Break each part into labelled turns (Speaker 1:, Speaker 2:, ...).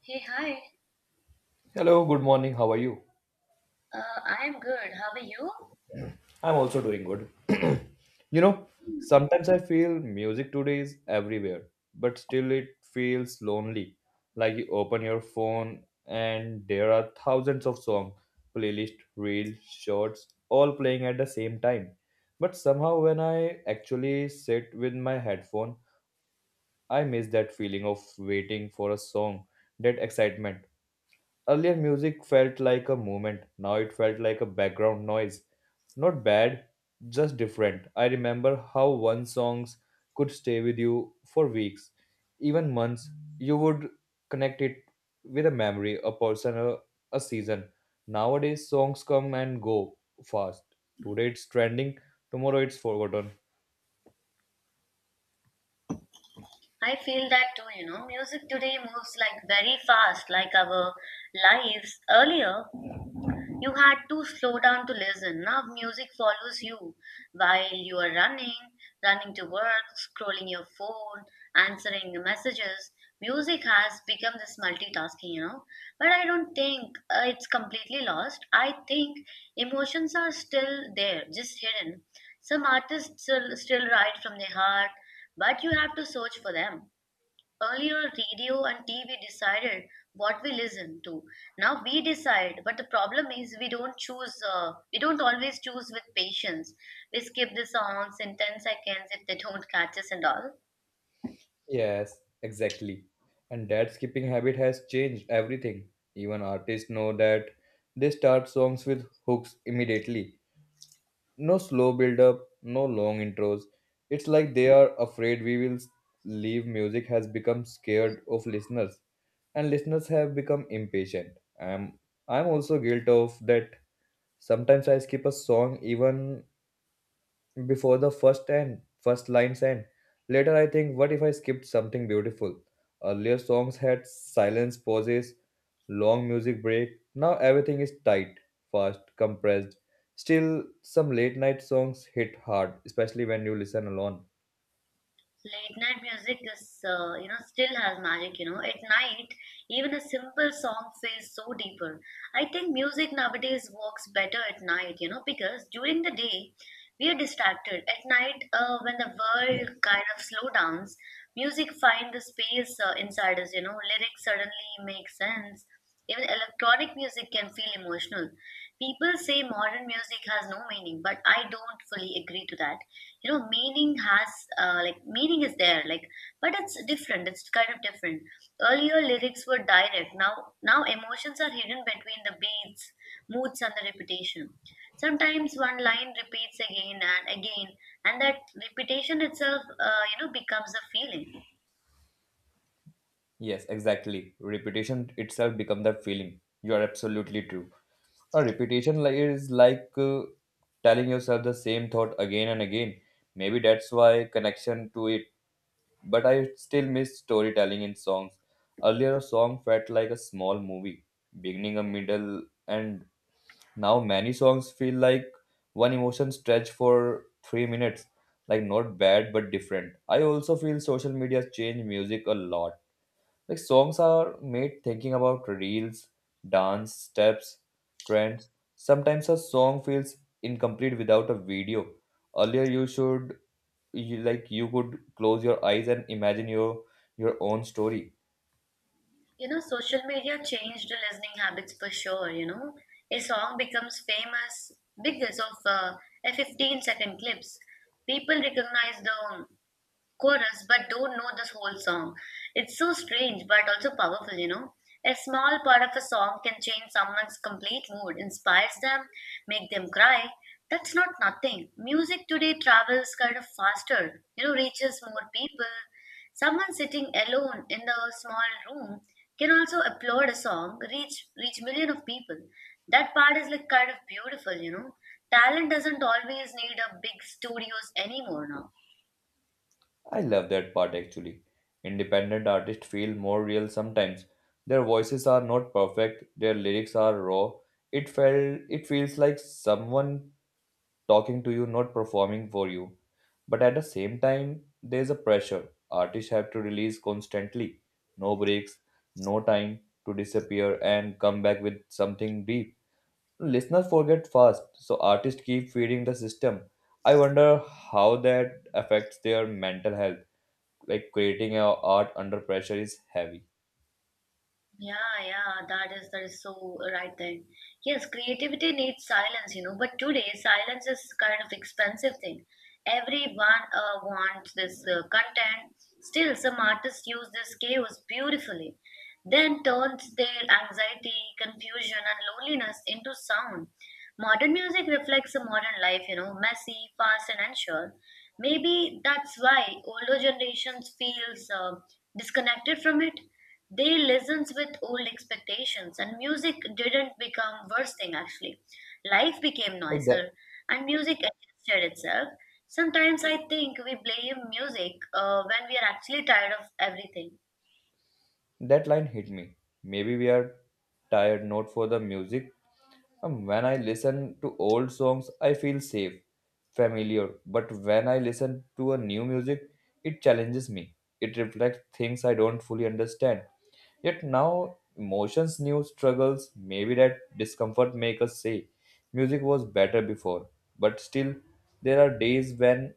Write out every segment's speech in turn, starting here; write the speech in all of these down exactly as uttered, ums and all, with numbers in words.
Speaker 1: Hey, hi.
Speaker 2: Hello, good morning. How are you?
Speaker 1: Uh, I am good. How are you?
Speaker 2: I'm also doing good. You know, sometimes I feel music today is everywhere, but still it feels lonely. Like you open your phone and there are thousands of songs, playlist, reels, shorts, all playing at the same time. But somehow when I actually sit with my headphone, I miss that feeling of waiting for a song, that excitement. Earlier, music felt like a movement. Now it felt like a background noise. Not bad, just different. I remember how one songs could stay with you for weeks, even months. You would connect it with a memory, a person, a, a season. Nowadays, songs come and go fast. Today it's trending, tomorrow it's forgotten.
Speaker 1: I feel that too, you know. Music today moves like very fast, like our lives earlier. You had to slow down to listen. Now music follows you while you are running, running to work, scrolling your phone, answering the messages. Music has become this multitasking, you know. But I don't think uh, it's completely lost. I think emotions are still there, just hidden. Some artists still, still write from their heart, but you have to search for them. Earlier, radio and T V decided what we listen to. Now we decide, but the problem is we don't choose. Uh, we don't always choose with patience. We skip the songs in ten seconds if they don't catch us and all.
Speaker 2: Yes, exactly. And that skipping habit has changed everything. Even artists know that they start songs with hooks immediately. No slow build up, no long intros. It's like they are afraid we will leave music has become scared of listeners and listeners have become impatient. I'm I'm also guilt of that sometimes I skip a song even before the first and first lines end. Later, I think, what if I skipped something beautiful? Earlier songs had silence, pauses, long music break. Now everything is tight, fast, compressed. Still, some late night songs hit hard, especially when you listen alone.
Speaker 1: Late night music is, uh, you know, still has magic. You know, at night, even a simple song feels so deeper. I think music nowadays works better at night. You know, because during the day we are distracted. At night, uh, when the world kind of slow downs, music finds the space uh, inside us. You know, lyrics suddenly make sense. Even electronic music can feel emotional. People say modern music has no meaning, but I don't fully agree to that. You know, meaning has uh, like meaning is there, like but it's different. It's kind of different. Earlier lyrics were direct. Now, now emotions are hidden between the beats, moods, and the repetition. Sometimes one line repeats again and again, and that repetition itself, uh, you know, becomes a feeling.
Speaker 2: Yes, exactly. Repetition itself becomes that feeling. You are absolutely true. A repetition li- is like uh, telling yourself the same thought again and again. Maybe that's why connection to it. But I still miss storytelling in songs. Earlier, a song felt like a small movie, beginning, a middle, and now many songs feel like one emotion stretched for three minutes. Like, not bad, but different. I also feel social media change music a lot. Like, songs are made thinking about reels, dance, steps, trends. Sometimes a song feels incomplete without a video. Earlier, you should you like you could close your eyes and imagine your your own story.
Speaker 1: You know, social media changed the listening habits for sure. You know, a song becomes famous because of uh, a fifteen second clips. People recognize the chorus but don't know the whole song. It's so strange but also powerful, you know. A small part of a song can change someone's complete mood, inspires them, make them cry. That's not nothing. Music today travels kind of faster, you know, reaches more people. Someone sitting alone in the small room can also applaud a song, reach reach million of people. That part is like kind of beautiful, you know. Talent doesn't always need a big studios anymore now.
Speaker 2: I love that part actually. Independent artists feel more real sometimes, their voices are not perfect, their lyrics are raw. It felt it feels like someone talking to you, not performing for you. But at the same time, there's a pressure artists have to release constantly, no breaks, no time to disappear and come back with something deep. Listeners forget fast, so artists keep feeding the system. I wonder how that affects their mental health. Like creating a art under pressure is heavy.
Speaker 1: Yeah, yeah, that is that is so right there. Yes, creativity needs silence, you know, but today silence is kind of expensive thing. Everyone uh, wants this uh, content. Still, some artists use this chaos beautifully, then turns their anxiety, confusion, and loneliness into sound. Modern music reflects a modern life, you know, messy, fast, and unsure. Maybe that's why older generations feels uh, disconnected from it, they listens with old expectations, and music didn't become worse thing actually. Life became
Speaker 2: Like,
Speaker 1: noisier, and music adjusted itself. Sometimes I think we blame music uh, when we are actually tired of everything.
Speaker 2: that line hit me. Maybe we are tired not for the music. Um, When I listen to old songs, I feel safe, familiar. But when I listen to a new music, it challenges me. It reflects things I don't fully understand. Yet now emotions, new struggles, maybe that discomfort make us say music was better before. But still, there are days when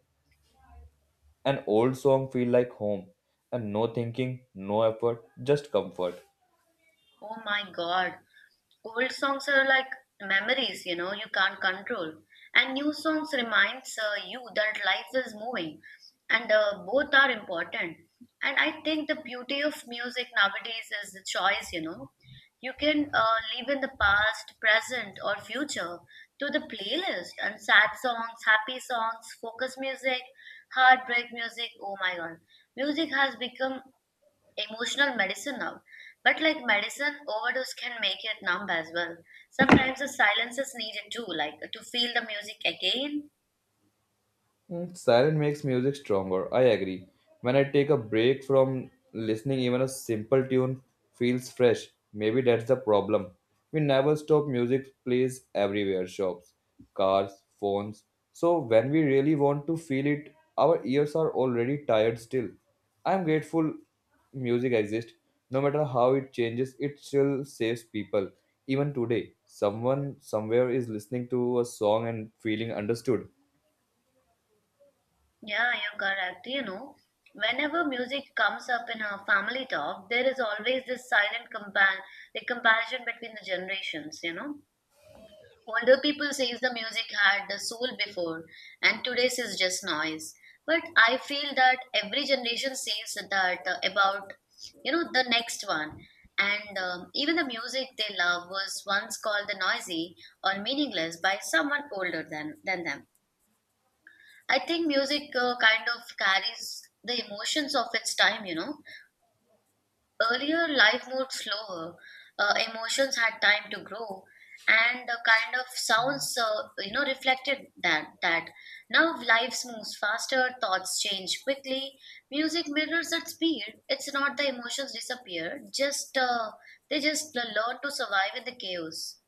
Speaker 2: an old song feel like home and no thinking, no effort, just comfort.
Speaker 1: Oh my God. Old songs are like memories, you know, you can't control. And new songs reminds uh, you that life is moving and uh, both are important. And I think the beauty of music nowadays is the choice, you know. You can uh, live in the past, present, or future to the playlist and sad songs, happy songs, focus music, heartbreak music. Oh my God. Music has become emotional medicine now. But like medicine, overdose can make it numb as well. Sometimes the silence is needed too, like to feel the music again.
Speaker 2: Mm, Silence makes music stronger. I agree. When I take a break from listening, even a simple tune feels fresh. Maybe that's the problem. We never stop music plays everywhere shops, cars, phones. So when we really want to feel it, our ears are already tired still. I'm grateful music exists. No matter how it changes, it still saves people. Even today, someone somewhere is listening to a song and feeling understood.
Speaker 1: Yeah, you're correct. You know, whenever music comes up in our family talk, there is always this silent compan, the comparison between the generations, you know. Older people says the music had the soul before and today's is just noise. But I feel that every generation says that uh, about you know the next one. And um, even the music they love was once called the noisy or meaningless by someone older than, than them. I think music uh, kind of carries the emotions of its time, you know. Earlier, life moved slower. Uh, emotions had time to grow, and the kind of sounds, uh, you know, reflected that. That now life moves faster, thoughts change quickly. Music mirrors that speed. It's not the emotions disappear. Just uh, They just learn to survive in the chaos.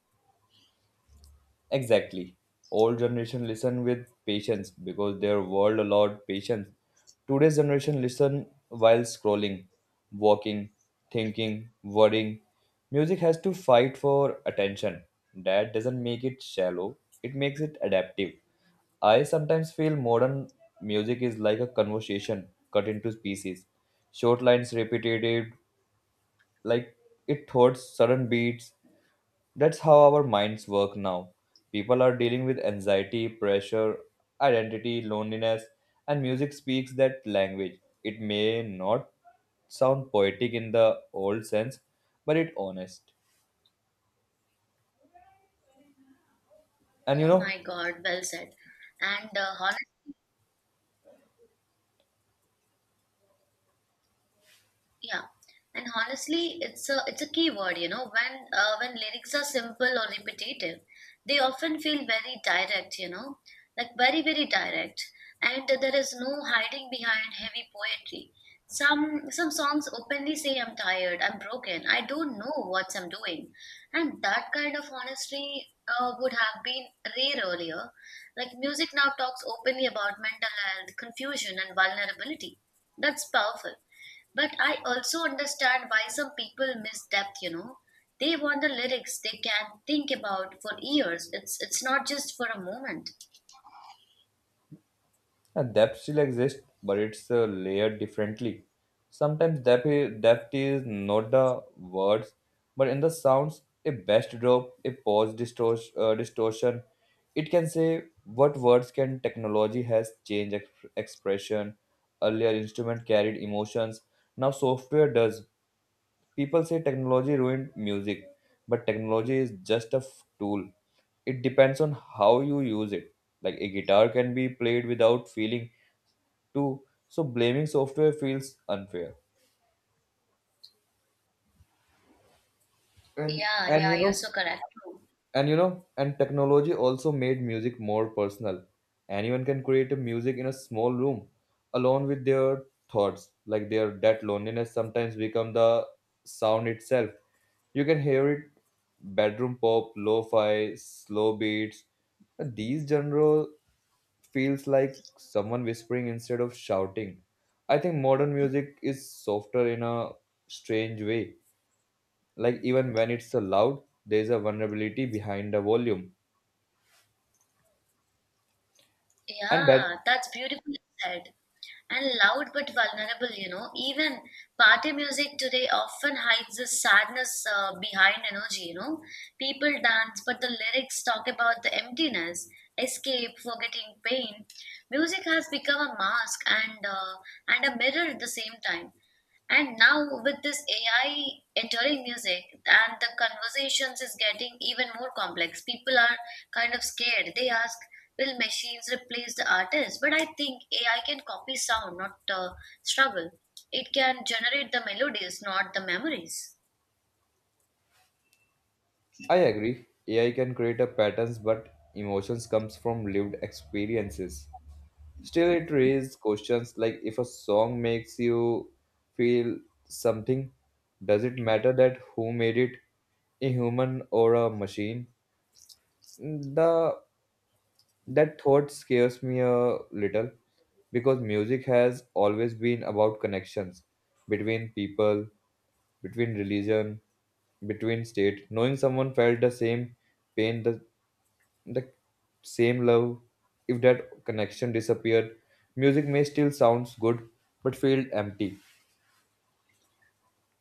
Speaker 2: Exactly. Old generation listen with patience because their world allowed patience. Today's generation listen while scrolling, walking, thinking, worrying. Music has to fight for attention. That doesn't make it shallow, it makes it adaptive. I sometimes feel modern music is like a conversation cut into pieces. Short lines repeated, like it thoughts, sudden beats, that's how our minds work now. People are dealing with anxiety, pressure, identity, loneliness, and music speaks that language. It may not sound poetic in the old sense, but it honest. And you
Speaker 1: Oh
Speaker 2: know,
Speaker 1: my God, well said. And uh, Yeah, and honestly, it's a it's a key word, you know. When uh, when lyrics are simple or repetitive, they often feel very direct, you know, like very very direct, and there is no hiding behind heavy poetry. Some some songs openly say I'm tired, I'm broken, I don't know what I'm doing, and that kind of honesty uh, would have been rare earlier. Like music now talks openly about mental health, confusion, and vulnerability. That's powerful, but I also understand why some people miss depth, you know. They want the lyrics they can think about for years. It's it's not just for a moment.
Speaker 2: yeah, depth still exists, but it's uh, layered differently. Sometimes depth is, depth is not the words, but in the sounds, a best drop, a pause distortion, uh, distortion. It can say what words can technology has changed exp- expression. Earlier instrument carried emotions. Now software does. People say technology ruined music, but technology is just a f- tool. It depends on how you use it. Like a guitar can be played without feeling too. So blaming software feels unfair. And
Speaker 1: Yeah,
Speaker 2: and you
Speaker 1: yeah, you're
Speaker 2: know
Speaker 1: so correct.
Speaker 2: and you know and technology also made music more personal. Anyone can create a music in a small room alone with their thoughts. Like their that loneliness sometimes become the sound itself. You can hear it bedroom pop, lo-fi, slow beats. These genre feels like someone whispering instead of shouting. I think modern music is softer in a strange way, like even when it's so loud there's a vulnerability behind the volume and that.
Speaker 1: Yeah, that's beautifully said. And loud but vulnerable, you know. Even party music today often hides the sadness uh, behind energy, you know. People dance, but the lyrics talk about the emptiness, escape, forgetting pain. Music has become a mask and uh, and a mirror at the same time. And now with this A I entering music and the conversations is getting even more complex. People are kind of scared. They ask, will machines replace the artist? But I think A I can copy sound, not uh, struggle. It can generate the melodies, not the memories.
Speaker 2: I agree AI can create a patterns but emotions comes from lived experiences. Still it raises questions like if a song makes you feel something, does it matter that who made it, a human or a machine? The that thought scares me a little because music has always been about connections between people, between religion, between state. Knowing someone felt the same pain, the, the same love, if that connection disappeared, music may still sounds good but feel empty.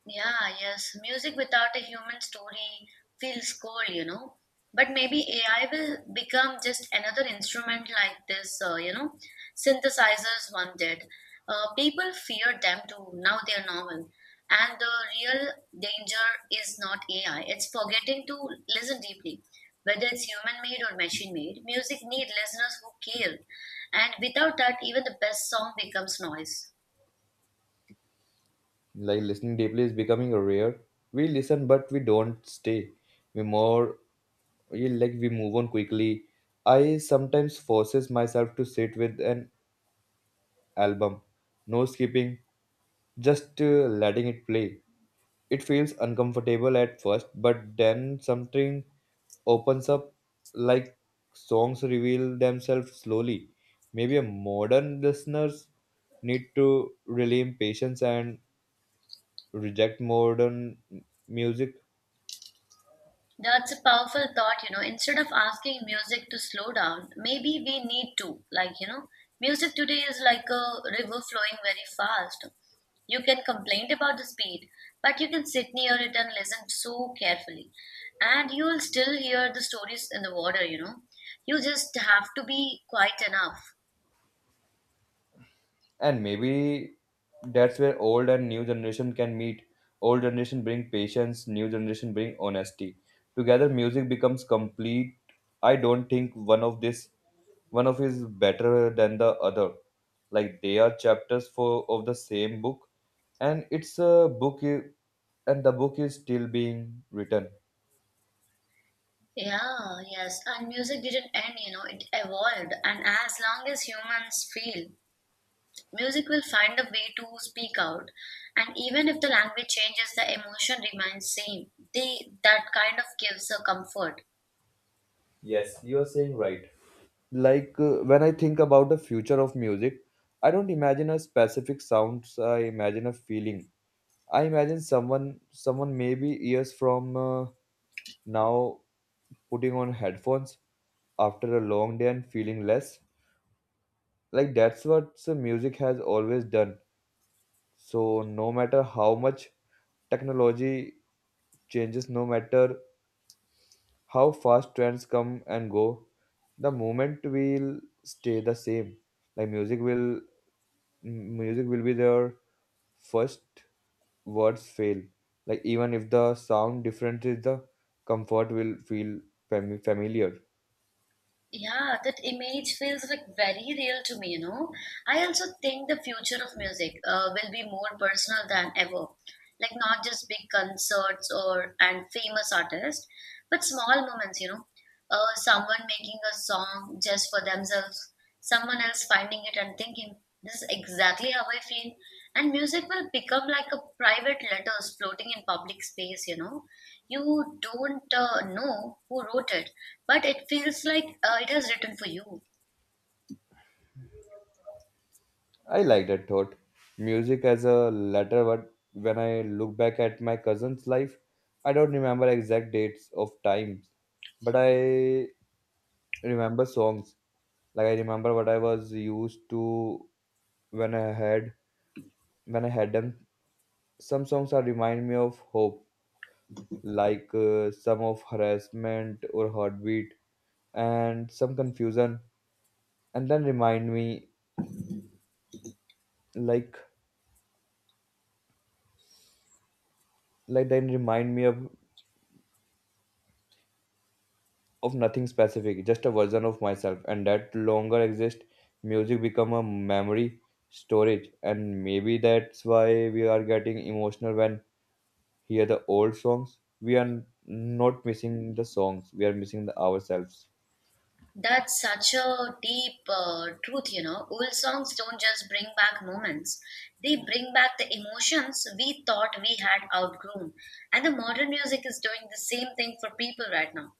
Speaker 1: Yeah, yes. Music without a human story feels cold, you know. But maybe A I will become just another instrument like this, uh, you know, synthesizers one did. Uh, people fear them too. Now they're normal. And the real danger is not A I. It's forgetting to listen deeply. Whether it's human made or machine made, music need listeners who care. And without that, even the best song becomes noise.
Speaker 2: Like listening deeply is becoming rare. We listen but we don't stay. We more we like we move on quickly. I sometimes forces myself to sit with an album, no skipping, just uh, letting it play. It feels uncomfortable at first, but then something opens up, like songs reveal themselves slowly. Maybe a modern listeners need to rely patience and reject modern music.
Speaker 1: That's a powerful thought, you know. Instead of asking music to slow down, maybe we need to. Like, you know, music today is like a river flowing very fast. You can complain about the speed, but you can sit near it and listen so carefully. And you will still hear the stories in the water, you know. You just have to be quiet enough.
Speaker 2: And maybe that's where old and new generation can meet. Old generation bring patience, new generation bring honesty. Together music becomes complete. I don't think one of this one of is better than the other. Like they are chapters for of the same book, and it's a book I- and the book is still being written.
Speaker 1: Yeah, yes, and music didn't end, you know, it evolved. And as long as humans feel, music will find a way to speak out, and even if the language changes, the emotion remains same. They that kind of gives a comfort.
Speaker 2: Yes, you are saying right. Like uh, when I think about the future of music, I don't imagine a specific sounds, I imagine a feeling. I imagine someone someone maybe years from uh, now putting on headphones after a long day and feeling less. Like that's what the music has always done. So no matter how much technology changes, no matter how fast trends come and go, the moment will stay the same. Like music will m- music will be there first words fail. Like even if the sound different is the comfort will feel fami- familiar.
Speaker 1: Yeah, that image feels like very real to me, you know. I also think the future of music uh, will be more personal than ever. Like not just big concerts or and famous artists, but small moments, you know. Uh, someone making a song just for themselves, someone else finding it and thinking, this is exactly how I feel. And music will become like a private letters floating in public space, you know. You don't uh, know who wrote it, but it feels like uh, it has written for you.
Speaker 2: I like that thought. Music as a letter, but when I look back at my cousin's life, I don't remember exact dates of times, but I remember songs. Like I remember what I was used to when I had when I had them. Some songs are remind me of hope, like uh, some of harassment or heartbeat, and some confusion and then remind me like like then remind me of of nothing specific, just a version of myself and that longer exist. Music become a memory storage, and maybe that's why we are getting emotional when hear the old songs. We are not missing the songs, we are missing the ourselves.
Speaker 1: That's such a deep uh, truth, you know. Old songs don't just bring back moments, they bring back the emotions we thought we had outgrown. And the modern music is doing the same thing for people right now.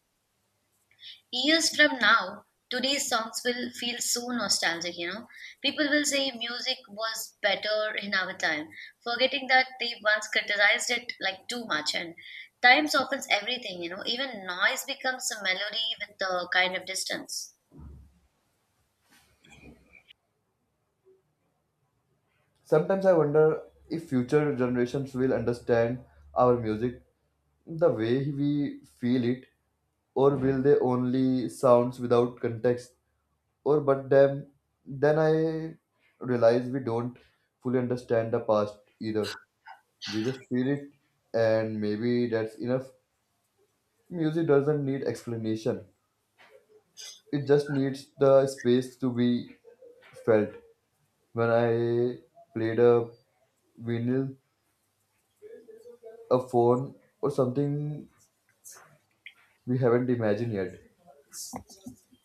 Speaker 1: Years from now, today's songs will feel so nostalgic, you know. People will say music was better in our time, forgetting that they once criticized it like too much. And time softens everything, you know. Even noise becomes a melody with the kind of distance.
Speaker 2: Sometimes I wonder if future generations will understand our music the way we feel it, or will they only sounds without context. Or but then then i realize we don't fully understand the past either, we just feel it, and maybe that's enough. Music doesn't need explanation, it just needs the space to be felt, when I played a vinyl, a phone, or something we haven't imagined yet.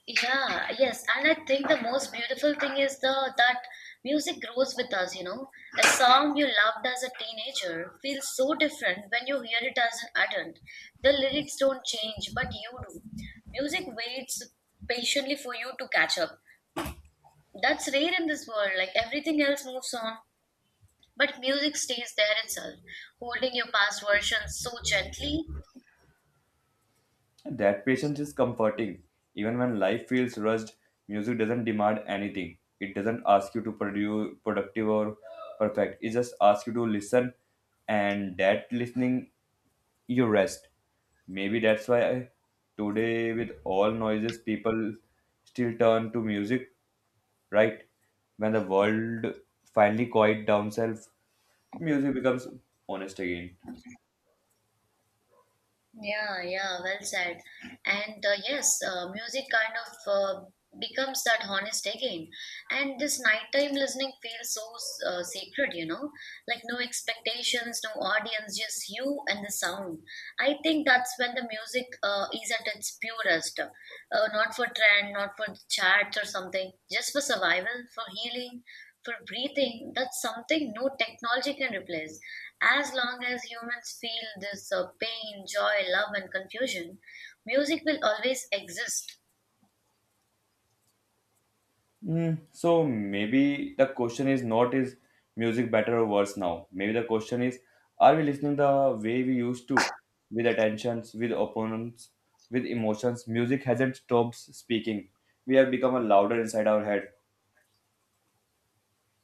Speaker 1: Yeah, yes, and I think the most beautiful thing is the that music grows with us, you know. A song you loved as a teenager feels so different when you hear it as an adult. The lyrics don't change, but you do. Music waits patiently for you to catch up. That's rare in this world, like everything else moves on, but music stays there itself, holding your past versions so gently.
Speaker 2: That patience is comforting. Even when life feels rushed, music doesn't demand anything. It doesn't ask you to produce productive or perfect. It just asks you to listen, and that listening, you rest. Maybe that's why today, with all noises, people still turn to music, right? When the world finally quiet down self, music becomes honest again.
Speaker 1: Yeah, yeah, well said. And uh, yes, uh, music kind of uh, becomes that honest again. And this nighttime listening feels so uh, sacred, you know, like no expectations, no audience, just you and the sound. I think that's when the music uh, is at its purest. Uh, not for trend, not for charts or something, just for survival, for healing, for breathing, that's something no technology can replace. As long as humans feel this uh, pain, joy, love, and confusion, music will always exist.
Speaker 2: Mm, so maybe the question is not is music better or worse now. Maybe the question is, are we listening the way we used to, with attentions, with opponents, with emotions? Music hasn't stopped speaking. We have become a louder inside our head.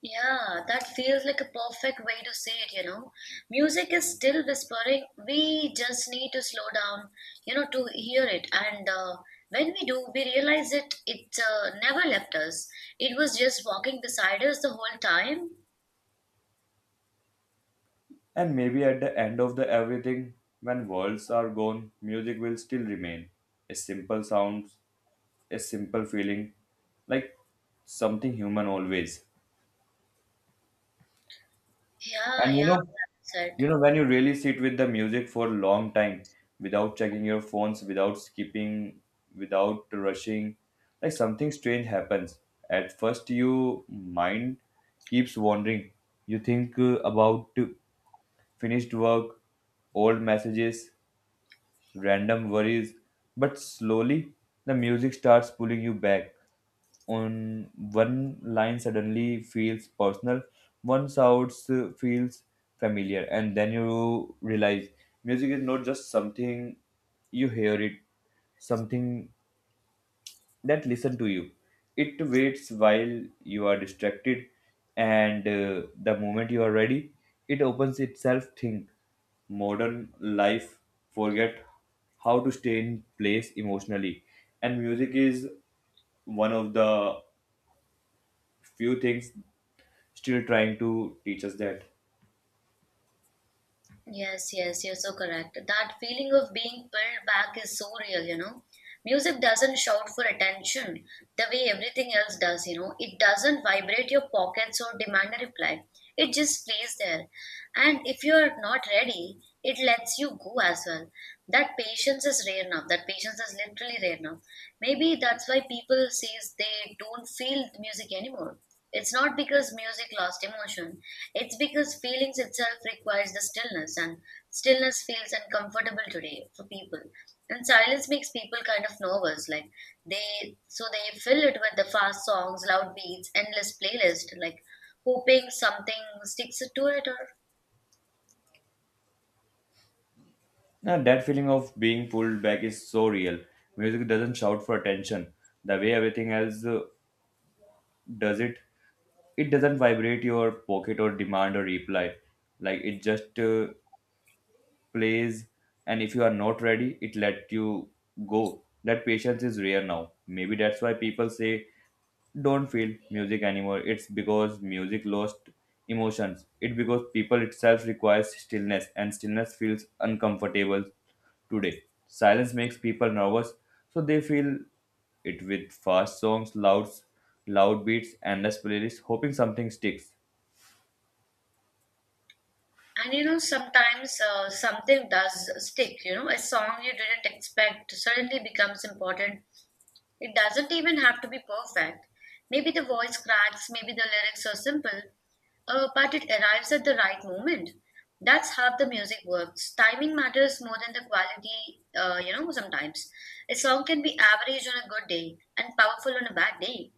Speaker 1: Yeah, that feels like a perfect way to say it, you know. Music is still whispering. We just need to slow down, you know, to hear it. And uh, When we do, we realize it, it uh, never left us. It was just walking beside us the whole time.
Speaker 2: And maybe at the end of the everything, when worlds are gone, music will still remain. A simple sound, a simple feeling, like something human always.
Speaker 1: Yeah,
Speaker 2: And you
Speaker 1: yeah,
Speaker 2: know,
Speaker 1: that's it.
Speaker 2: you know when you really sit with the music for a long time without checking your phones, without skipping, without rushing, like something strange happens. At first, your mind keeps wandering. You think uh, about uh, finished work, old messages, random worries, but slowly the music starts pulling you back. On one line suddenly feels personal, one sound feels familiar, and then you realize music is not just something you hear it, something that listen to you. It waits while you are distracted, and uh, the moment you are ready, it opens itself. Think modern life forget how to stay in place emotionally, and music is one of the few things still trying to teach us that.
Speaker 1: Yes, yes, you're so correct. That feeling of being pulled back is so real, you know. Music doesn't shout for attention the way everything else does, you know. It doesn't vibrate your pockets or demand a reply. It just plays there. And if you're not ready, it lets you go as well. That patience is rare now. That patience is literally rare now. Maybe that's why people says they don't feel the music anymore. It's not because music lost emotion. It's because feelings itself requires the stillness, and stillness feels uncomfortable today for people. And silence makes people kind of nervous. Like they, so they fill it with the fast songs, loud beats, endless playlist. Like hoping something sticks to it or
Speaker 2: Now, that feeling of being pulled back is so real. Music doesn't shout for attention the way everything else uh, does it. It doesn't vibrate your pocket or demand a reply, like it just uh, plays. And if you are not ready, it let you go. That patience is rare now. Maybe that's why people say don't feel music anymore. It's because music lost emotions. It because people itself requires stillness, and stillness feels uncomfortable today. Silence makes people nervous, so they feel it with fast songs, loud loud beats, endless playlists, hoping something sticks.
Speaker 1: and you know, sometimes uh, something does stick. You know, a song you didn't expect suddenly becomes important. It doesn't even have to be perfect. Maybe the voice cracks, maybe the lyrics are simple, uh, but it arrives at the right moment. That's how the music works. Timing matters more than the quality, uh, you know, sometimes. A song can be average on a good day and powerful on a bad day.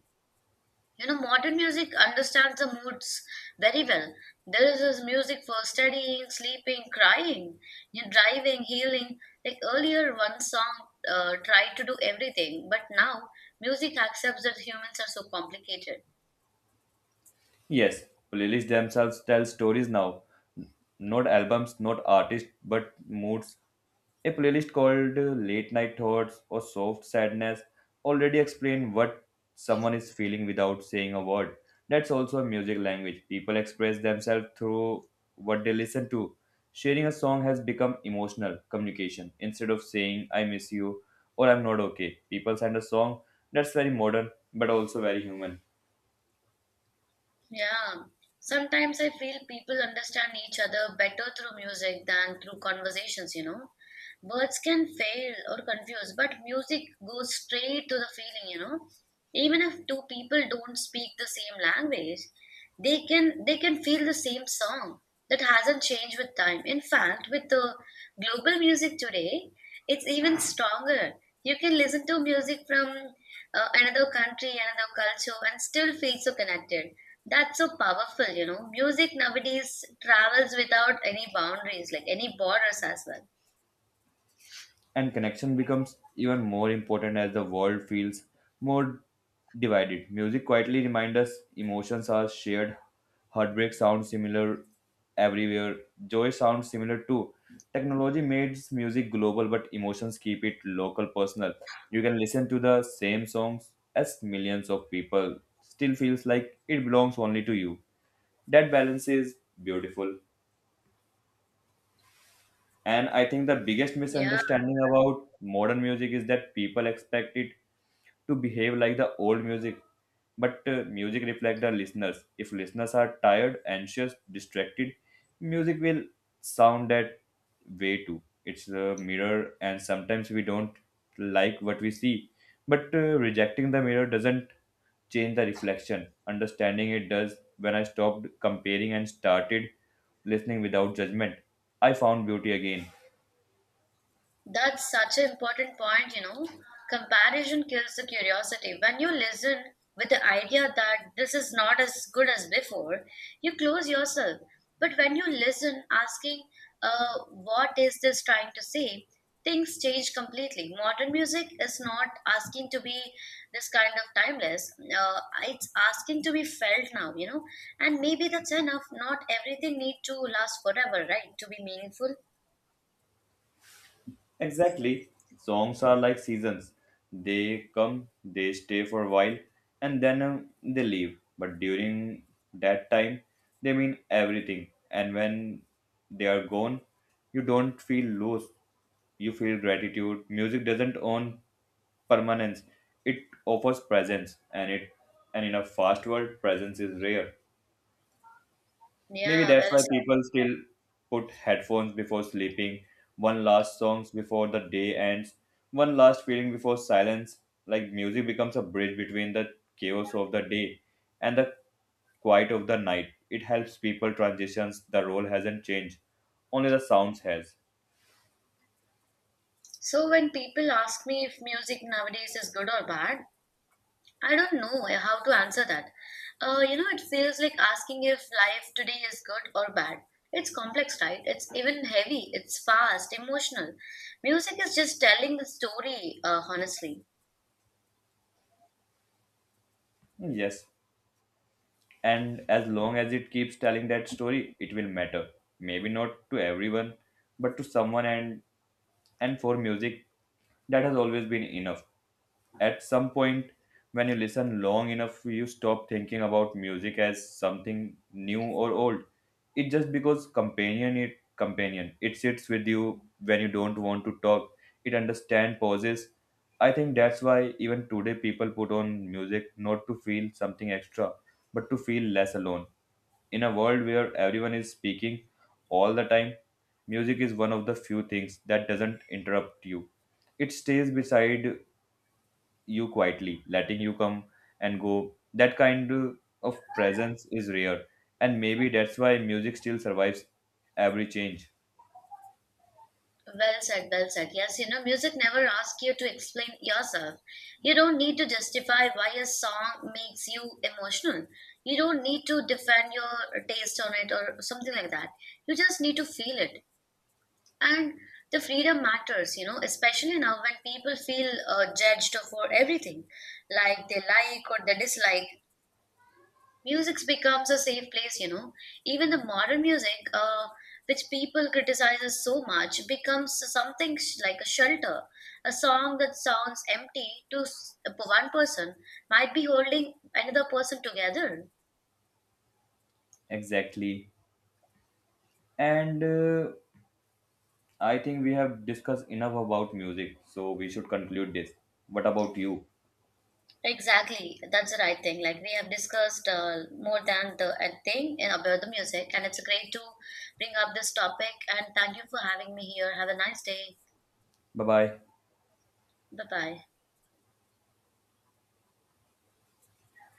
Speaker 1: You know, modern music understands the moods very well. There is this music for studying, sleeping, crying, you know, driving, healing. Like earlier, one song uh, tried to do everything, but now music accepts that humans are so complicated.
Speaker 2: Yes, playlists themselves tell stories now. N- Not albums, not artists, but moods. A playlist called uh, Late Night Thoughts or Soft Sadness already explain what someone is feeling without saying a word. That's also a music language. People express themselves through what they listen to. Sharing a song has become emotional communication. Instead of saying, I miss you or I'm not okay, people send a song. That's very modern but also very human.
Speaker 1: Yeah. Sometimes I feel people understand each other better through music than through conversations, you know. Words can fail or confuse, but music goes straight to the feeling, you know. Even if two people don't speak the same language, they can they can feel the same song that hasn't changed with time. In fact, with the global music today, it's even stronger. You can listen to music from uh, another country, another culture, and still feel so connected. That's so powerful, you know. Music nowadays travels without any boundaries, like any borders as well.
Speaker 2: And connection becomes even more important as the world feels more divided. Music quietly reminds us emotions are shared, heartbreak sounds similar everywhere, joy sounds similar too. Technology makes music global, but emotions keep it local, personal. You can listen to the same songs as millions of people, still feels like it belongs only to you. That balance is beautiful. And I think the biggest
Speaker 1: Yeah.
Speaker 2: misunderstanding about modern music is that people expect it to behave like the old music, but uh, music reflects the listeners. If listeners are tired, anxious, distracted, music will sound that way too. It's a mirror, and sometimes we don't like what we see, but uh, rejecting the mirror doesn't change the reflection. Understanding it does. When I stopped comparing and started listening without judgment, I found beauty again.
Speaker 1: That's such an important point, you know. Comparison kills the curiosity. When you listen with the idea that this is not as good as before, you close yourself. But when you listen, asking, uh, what is this trying to say, things change completely. Modern music is not asking to be this kind of timeless, uh, it's asking to be felt now, you know. And maybe that's enough. Not everything need to last forever, right? To be meaningful.
Speaker 2: Exactly. Songs are like seasons. They come, they stay for a while, and then um, they leave. But during that time, they mean everything. And when they are gone, you don't feel lost. You feel gratitude. Music doesn't own permanence. It offers presence, and it and in a fast world, presence is rare. Maybe
Speaker 1: Yeah,
Speaker 2: that's
Speaker 1: well
Speaker 2: why
Speaker 1: said.
Speaker 2: people still put headphones before sleeping, one last songs before the day ends, one last feeling before silence. Like music becomes a bridge between the chaos of the day and the quiet of the night. It helps people transitions. The role hasn't changed, only the sounds has.
Speaker 1: So when people ask me if music nowadays is good or bad, I don't know eh, how to answer that. Uh, you know, it feels like asking if life today is good or bad. It's complex, right? It's even heavy. It's fast, emotional. Music is just telling the story, uh, honestly.
Speaker 2: Yes, and as long as it keeps telling that story, it will matter. Maybe not to everyone, but to someone, and And for music, that has always been enough. At some point, when you listen long enough, you stop thinking about music as something new or old. It just because companion it companion. It sits with you when you don't want to talk. It understands pauses. I think that's why even today people put on music not to feel something extra, but to feel less alone. In a world where everyone is speaking all the time, music is one of the few things that doesn't interrupt you. It stays beside you quietly, letting you come and go. That kind of presence is rare, and maybe that's why music still survives every change.
Speaker 1: Well said, well said. Yes, you know, music never asks you to explain yourself. You don't need to justify why a song makes you emotional. You don't need to defend your taste on it or something like that. You just need to feel it. And the freedom matters, you know, especially now when people feel uh, judged for everything, like they like or they dislike music becomes a safe place, you know, even the modern music uh, which people criticizes so much becomes something sh- like a shelter, a song that sounds empty to s- one person might be holding another person together.
Speaker 2: Exactly. And uh, I think we have discussed enough about music, so we should conclude this. What about you?
Speaker 1: Exactly, that's the right thing. Like we have discussed uh, more than the uh, thing in about the music, and it's great to bring up this topic. And thank you for having me here. Have a nice day.
Speaker 2: Bye bye.
Speaker 1: Bye bye.